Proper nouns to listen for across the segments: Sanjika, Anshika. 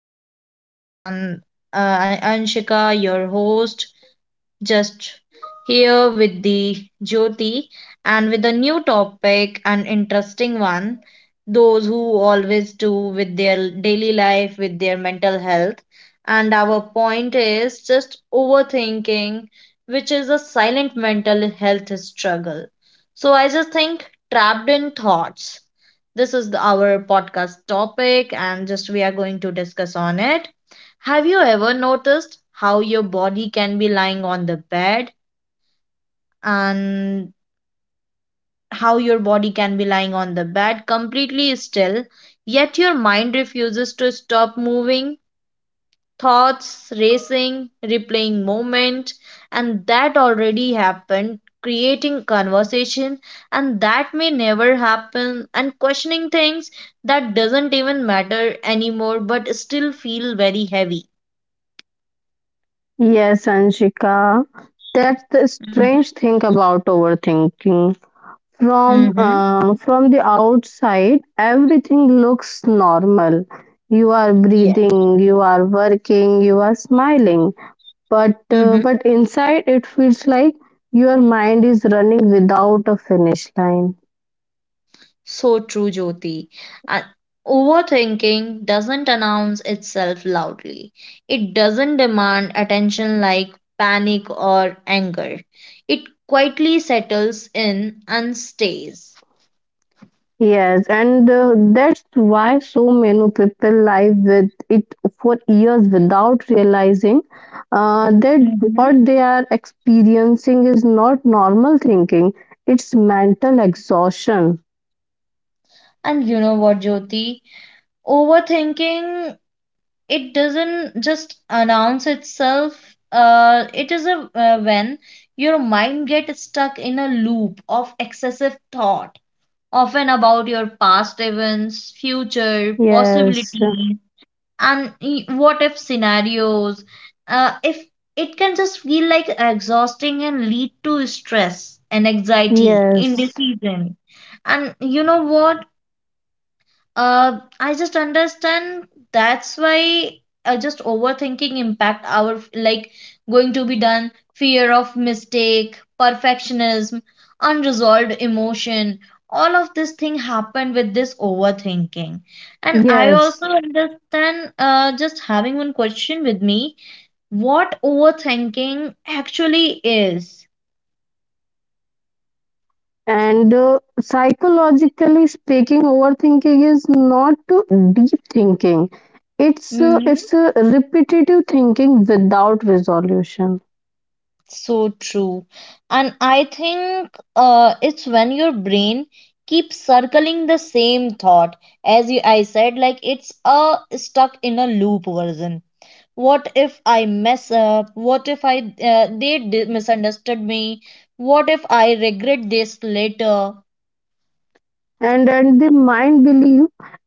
Tech Talks. And I'm Anshika, your host just here with the Jyoti and with a new topic, an interesting one. Those who always do with their daily life, with their mental health. And our point is just overthinking, which is a silent mental health struggle. So I just think trapped in thoughts. This is our podcast topic, and just we are going to discuss on it. Have you ever noticed how your body can be lying on the bed and how your body can be lying on the bed completely still, yet your mind refuses to stop moving? Thoughts racing, replaying moment, and that already happened, creating conversation, and that may never happen, and questioning things that doesn't even matter anymore but still feel very heavy. Yes, Anshika. That's the strange thing about overthinking. From Mm-hmm. uh, from the outside, everything looks normal. You are Yeah. breathing, you are working, you are smiling. But Mm-hmm. uh, but inside, it feels like your mind is running without a finish line. So true, Jyoti. Uh, Overthinking doesn't announce itself loudly, it doesn't demand attention like panic or anger. It quietly settles in and stays. Yes, and that's why so many people live with it for years without realizing that Hmm. what they are experiencing is not normal thinking, it's mental exhaustion. And you know what, Jyoti? Overthinking, it doesn't just announce itself. It is a when your mind gets stuck in a loop of excessive thought often about your past events, future Yes, possibilities, and what if scenarios. If it can just feel like exhausting and lead to stress and anxiety, yes, indecision. And you know what? I just understand that's why just overthinking impact our like going to be done, fear of mistake, perfectionism, unresolved emotion. All of this thing happened with this overthinking. And I yes. also understand just having one question with me, what overthinking actually is. And psychologically speaking, overthinking is not deep thinking. It's uh, Hmm? it's uh, repetitive thinking without resolution. So true. And I think it's when your brain keeps circling the same thought. As you, I said, like it's a stuck in a loop version. What if I mess up? What if misunderstood me? What if I regret this later? And then the mind believe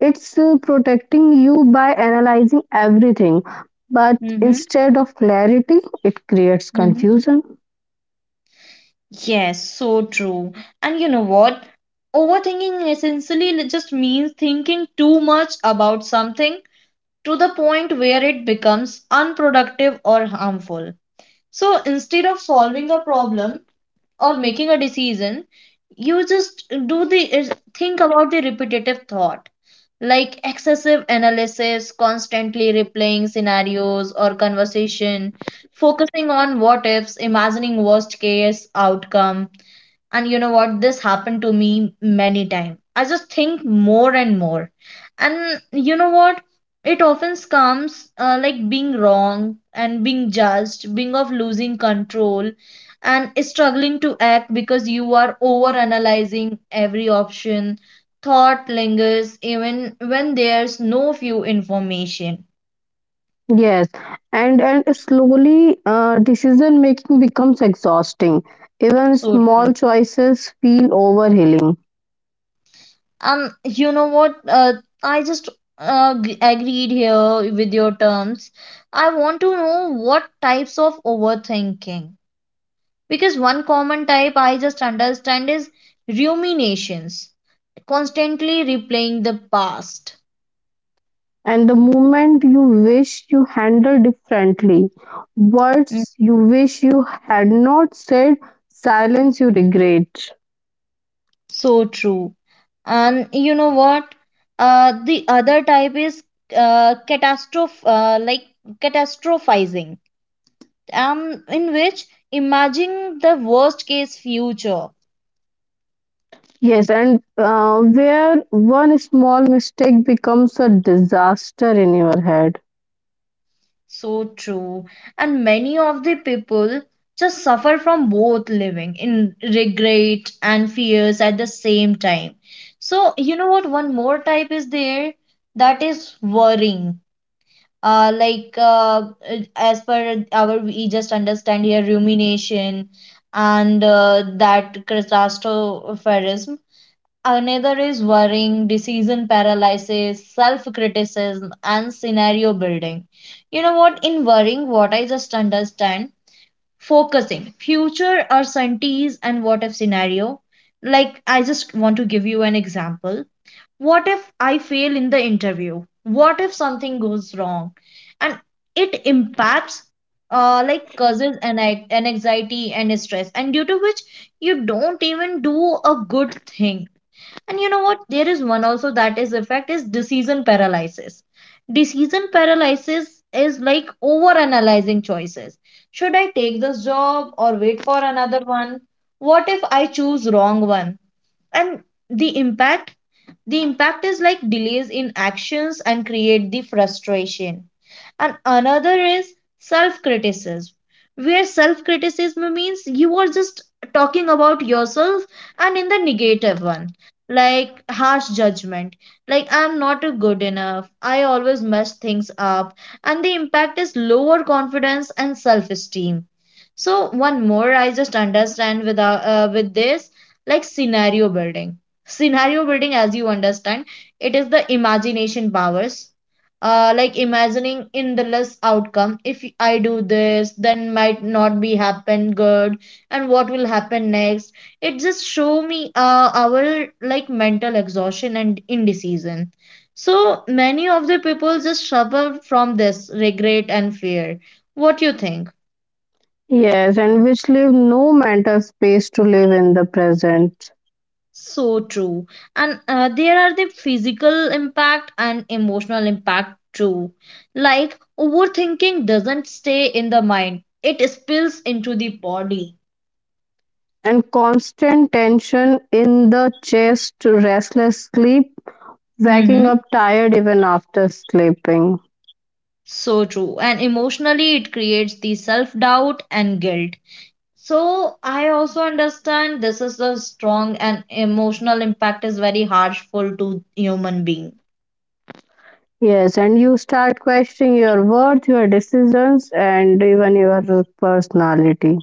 it's protecting you by analyzing everything, but Mm-hmm. instead of clarity it creates Mm-hmm. confusion. Yes, so true. And you know what? Overthinking essentially just means thinking too much about something to the point where it becomes unproductive or harmful. So instead of solving a problem or making a decision, you just think about the repetitive thought like excessive analysis, constantly replaying scenarios or conversation, focusing on what ifs, imagining worst case outcome, and you know what, this happened to me many times. I just think more and more, and you know what, it often comes like being wrong and being judged, being of losing control and struggling to act because you are over analyzing every option. Thought lingers even when there's no few information. Yes, and slowly, decision making becomes exhausting, even So small true. choices feel overwhelming. You know what? I just agreed here with your terms. I want to know what types of overthinking. Because one common type I just understand is ruminations, constantly replaying the past. And the moment you wish you handle differently, Mm. words you wish you had not said, silence you regret. So true. And you know what? The other type is uh, catastroph uh, like catastrophizing, in which imagining the worst case future. Yes, and where one small mistake becomes a disaster in your head. So true. And many of the people just suffer from both living in regret and fears at the same time. So, you know what? One more type is there, that is worrying. Uh, like uh, as per our we just understand here rumination and that catastrophism. Another is worrying, decision paralysis, self criticism, and scenario building. You know what? In worrying, what I just understand, focusing, future uncertainties and what if scenario. Like, I just want to give you an example. What if I fail in the interview? What if something goes wrong? And it impacts, like, causes an anxiety and stress, and due to which you don't even do a good thing. And you know what? There is one also, that is effect is decision paralysis. Decision paralysis is like over analyzing choices. Should I take this job or wait for another one? What if I choose wrong one? And the impact the impact is like delays in actions and create the frustration. And another is self criticism, where self criticism means you are just talking about yourself and in the negative one, like harsh judgment, like I'm not a good enough, I always mess things up. And the impact is lower confidence and self esteem. So one more I just understand with this, like scenario building. Scenario building, as you understand, it is the imagination powers, like imagining endless outcome, if I do this then might not be happen good and what will happen next. It just show me our like mental exhaustion and indecision. So many of the people just suffer from this regret and fear. What you think? Yes, and which leave no mental space to live in the present. So true. And there are the physical impact and emotional impact too. Like overthinking doesn't stay in the mind, it spills into the body. And constant tension in the chest, restless sleep, waking Hmm. up tired even after sleeping. So true. And emotionally, it creates the self doubt and guilt. So I also understand this is a strong and emotional impact is very harmful to human being. Yes, and you start questioning your worth, your decisions, and even your personality.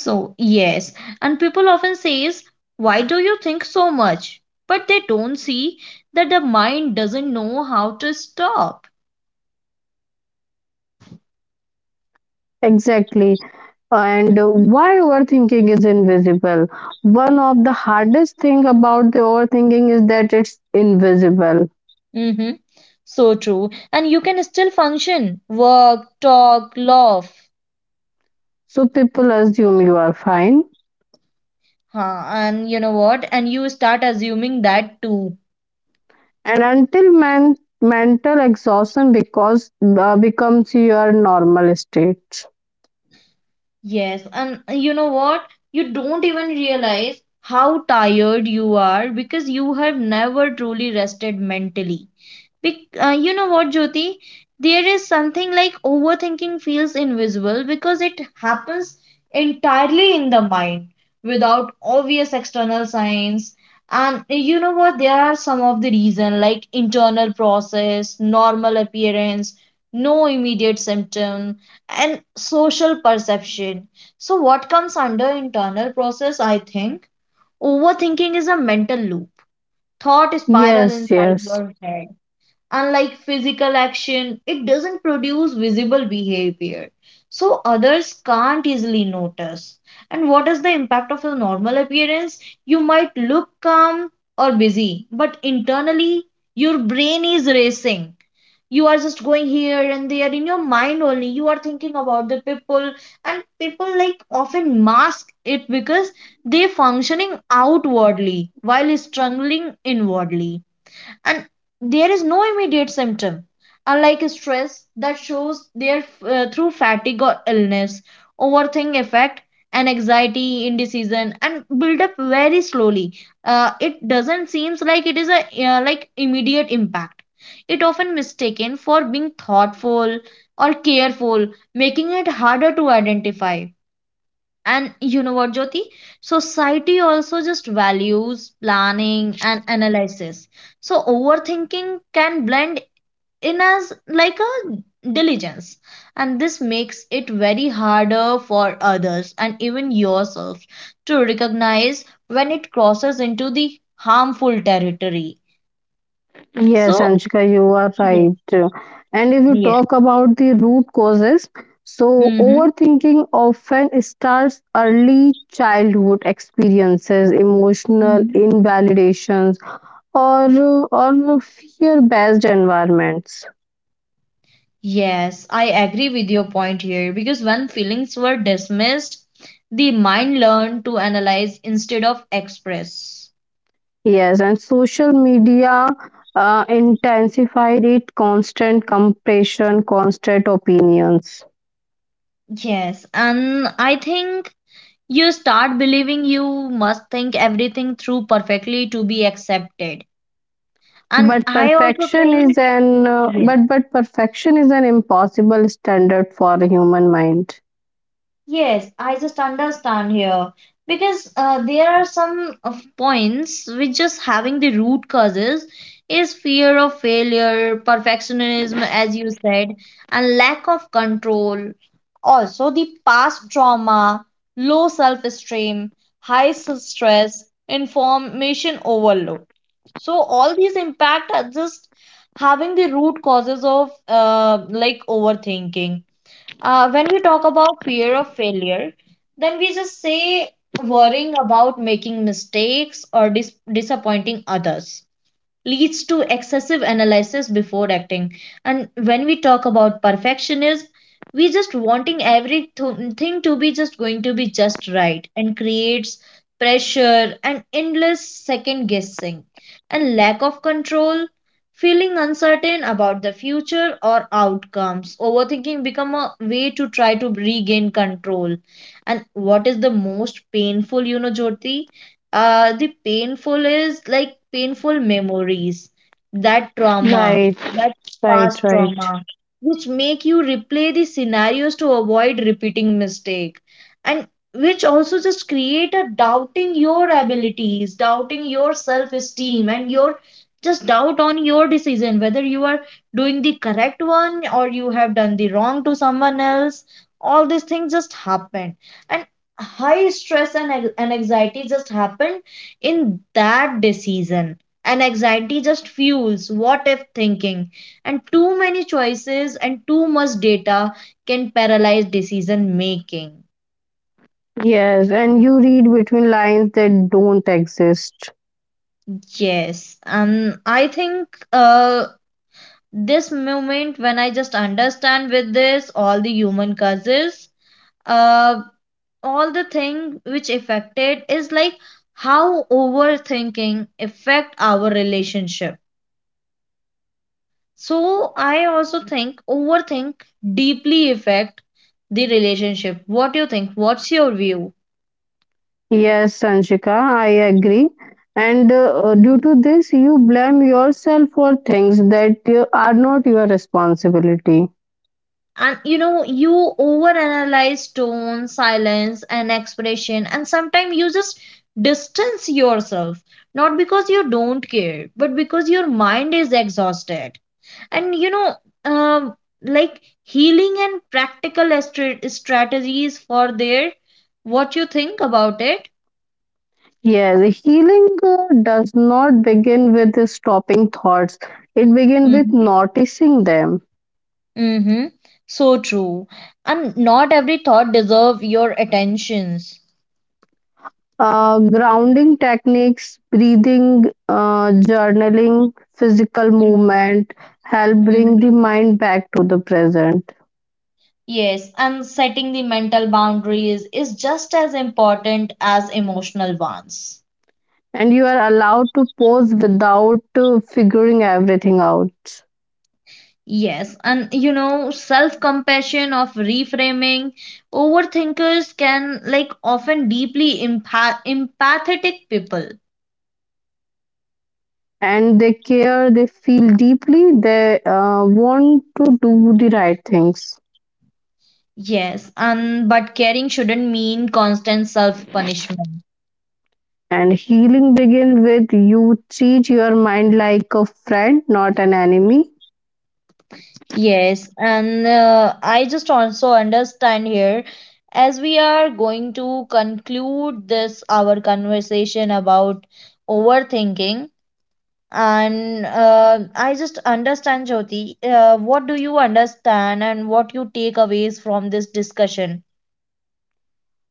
So, yes, and people often says, "Why do you think so much?" But they don't see that the mind doesn't know how to stop. Exactly. And Mhm. why overthinking is invisible? One of the hardest thing about the overthinking is that it's invisible. Mhm. So true. And you can still function, work, talk, laugh. So people assume you are fine, Huh. And you know what? And you start assuming that too. and until man mental exhaustion because becomes your normal state. Yes. And you know what? You don't even realize how tired you are because you have never truly rested mentally. You know what, Jyoti? There is something like overthinking feels invisible because it happens entirely in the mind without obvious external signs. And you know what? There are some of the reason like internal process, normal appearance, no immediate symptom, and social perception. So, what comes under internal process? I think overthinking is a mental loop, thought spiral Yes, inside yes. your head. Unlike physical action, it doesn't produce visible behavior, so others can't easily notice. And what is the impact of your normal appearance? You might look calm or busy, but internally your brain is racing. You are just going here and there in your mind only. You are thinking about the people, and people like often mask it because they functioning outwardly while struggling inwardly. And there is no immediate symptom, unlike stress that shows there through fatigue or illness. Overthink effect and anxiety indecision and build up very slowly. It doesn't seems like it is a immediate impact. It often mistaken for being thoughtful or careful, making it harder to identify. And you know what, Jyoti? Society also just values planning and analysis. So overthinking can blend in as like a diligence. And this makes it very harder for others and even yourself to recognize when it crosses into the harmful territory. Yes, So, Anshika, you are yes, right. And if you yes. talk about the root causes, so Mm-hmm. overthinking often starts early childhood experiences, emotional invalidations, or fear-based environments. Yes, I agree with your point here because when feelings were dismissed, the mind learned to analyze instead of express. Yes, and social media intensified it. Constant comparison, constant opinions. Yes, and I think you start believing you must think everything through perfectly to be accepted. And But I also perfection think, is an yes. But perfection is an impossible standard for a human mind. Yes, I just understand here because there are some of points which just having the root causes is fear of failure, perfectionism, as you said, and lack of control. Also, the past trauma, low self-esteem, high stress, information overload. So all these impact are just having the root causes of like overthinking. When we talk about fear of failure, then we just say worrying about making mistakes or disappointing others leads to excessive analysis before acting. And when we talk about perfectionism, we just wanting everything to be just going to be just right and creates pressure and endless second guessing. And lack of control, feeling uncertain about the future or outcomes, overthinking become a way to try to regain control. And what is the most painful, you know, Jyoti? The painful is like painful memories, that trauma, Right, that right, past right. trauma, which make you replay the scenarios to avoid repeating mistake, and which also just create a doubting your abilities, doubting your self esteem, and your just doubt on your decision whether you are doing the correct one or you have done the wrong to someone else. All these things just happen, and high stress and anxiety just happened in that decision. And anxiety just fuels what if thinking. And too many choices and too much data can paralyze decision making. Yes, and you read between lines that don't exist. Yes, and I think this moment when I just understand with this all the human causes, uh, all the thing which affected is like how overthinking affect our relationship. So I also think overthink deeply affect the relationship. What do you think? What's your view? Yes, Sanjika, I agree. And due Mhm. to this, you blame yourself for things that are not your responsibility. And you know, you overanalyze tone, silence, and expression, and sometimes you just distance yourself. Not because you don't care, but because your mind is exhausted. And you know, um, like healing and practical strategies for their, what you think about it. Yes, healing does not begin with stopping thoughts, it begins with noticing them. Mm-hmm. So true. And not every thought deserve your attentions. Grounding techniques, breathing, journaling, physical movement help bring Mm-hmm. the mind back to the present. Yes, and setting the mental boundaries is just as important as emotional ones. And you are allowed to pause without figuring everything out. Yes, and you know, self-compassion of reframing, overthinkers can like often deeply empathetic people. And they care, they feel deeply, they want to do the right things. Yes, and but caring shouldn't mean constant self-punishment. And healing begin with you treat your mind like a friend, not an enemy. Yes, and I just also understand here, as we are going to conclude this our conversation about overthinking. And I just understand Jyoti, what do you understand and what you take aways from this discussion?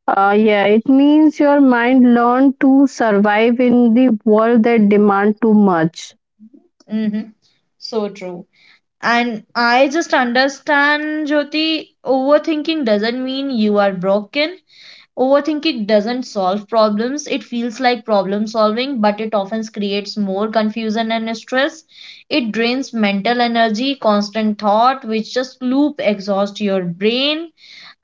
Yeah, it means your mind learned to survive in the world that demand too much, Mm-hmm. So true. And I just understand, Jyoti, overthinking doesn't mean you are broken. Overthinking doesn't solve problems. It feels like problem solving, but it often creates more confusion and stress. It drains mental energy, constant thought, which just loop exhaust your brain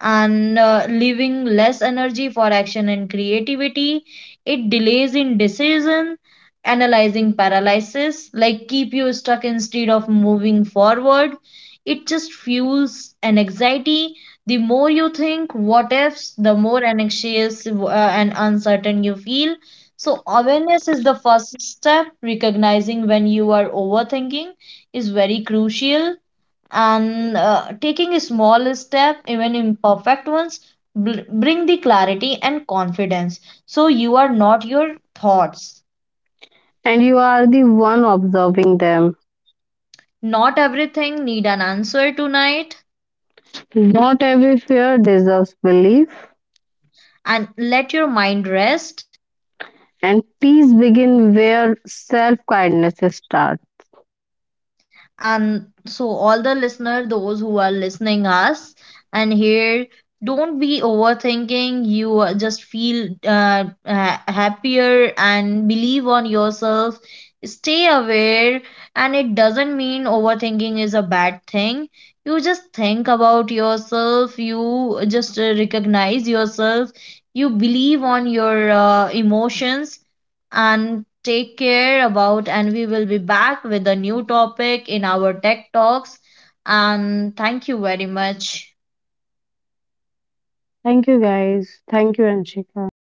and leaving less energy for action and creativity. It delays in decision, analyzing paralysis, like keep you stuck instead of moving forward. It just fuels an anxiety. The more you think what ifs, the more anxious and uncertain you feel. So awareness is the first step. Recognizing when you are overthinking is very crucial, and taking a small step even imperfect ones, bring the clarity and confidence. So you are not your thoughts. and you are the one observing them. Not everything need an answer tonight, Not every fear deserves belief, and let your mind rest. and peace begin where self kindness starts. And so all the listener those who are listening us and here, don't be overthinking. You just feel happier and believe on yourself. Stay aware, and it doesn't mean overthinking is a bad thing. You just think about yourself, you just recognize yourself, you believe on your emotions and take care about. And we will be back with a new topic in our Tech Talks. And thank you very much. Thank you, guys. Thank you, Anshika.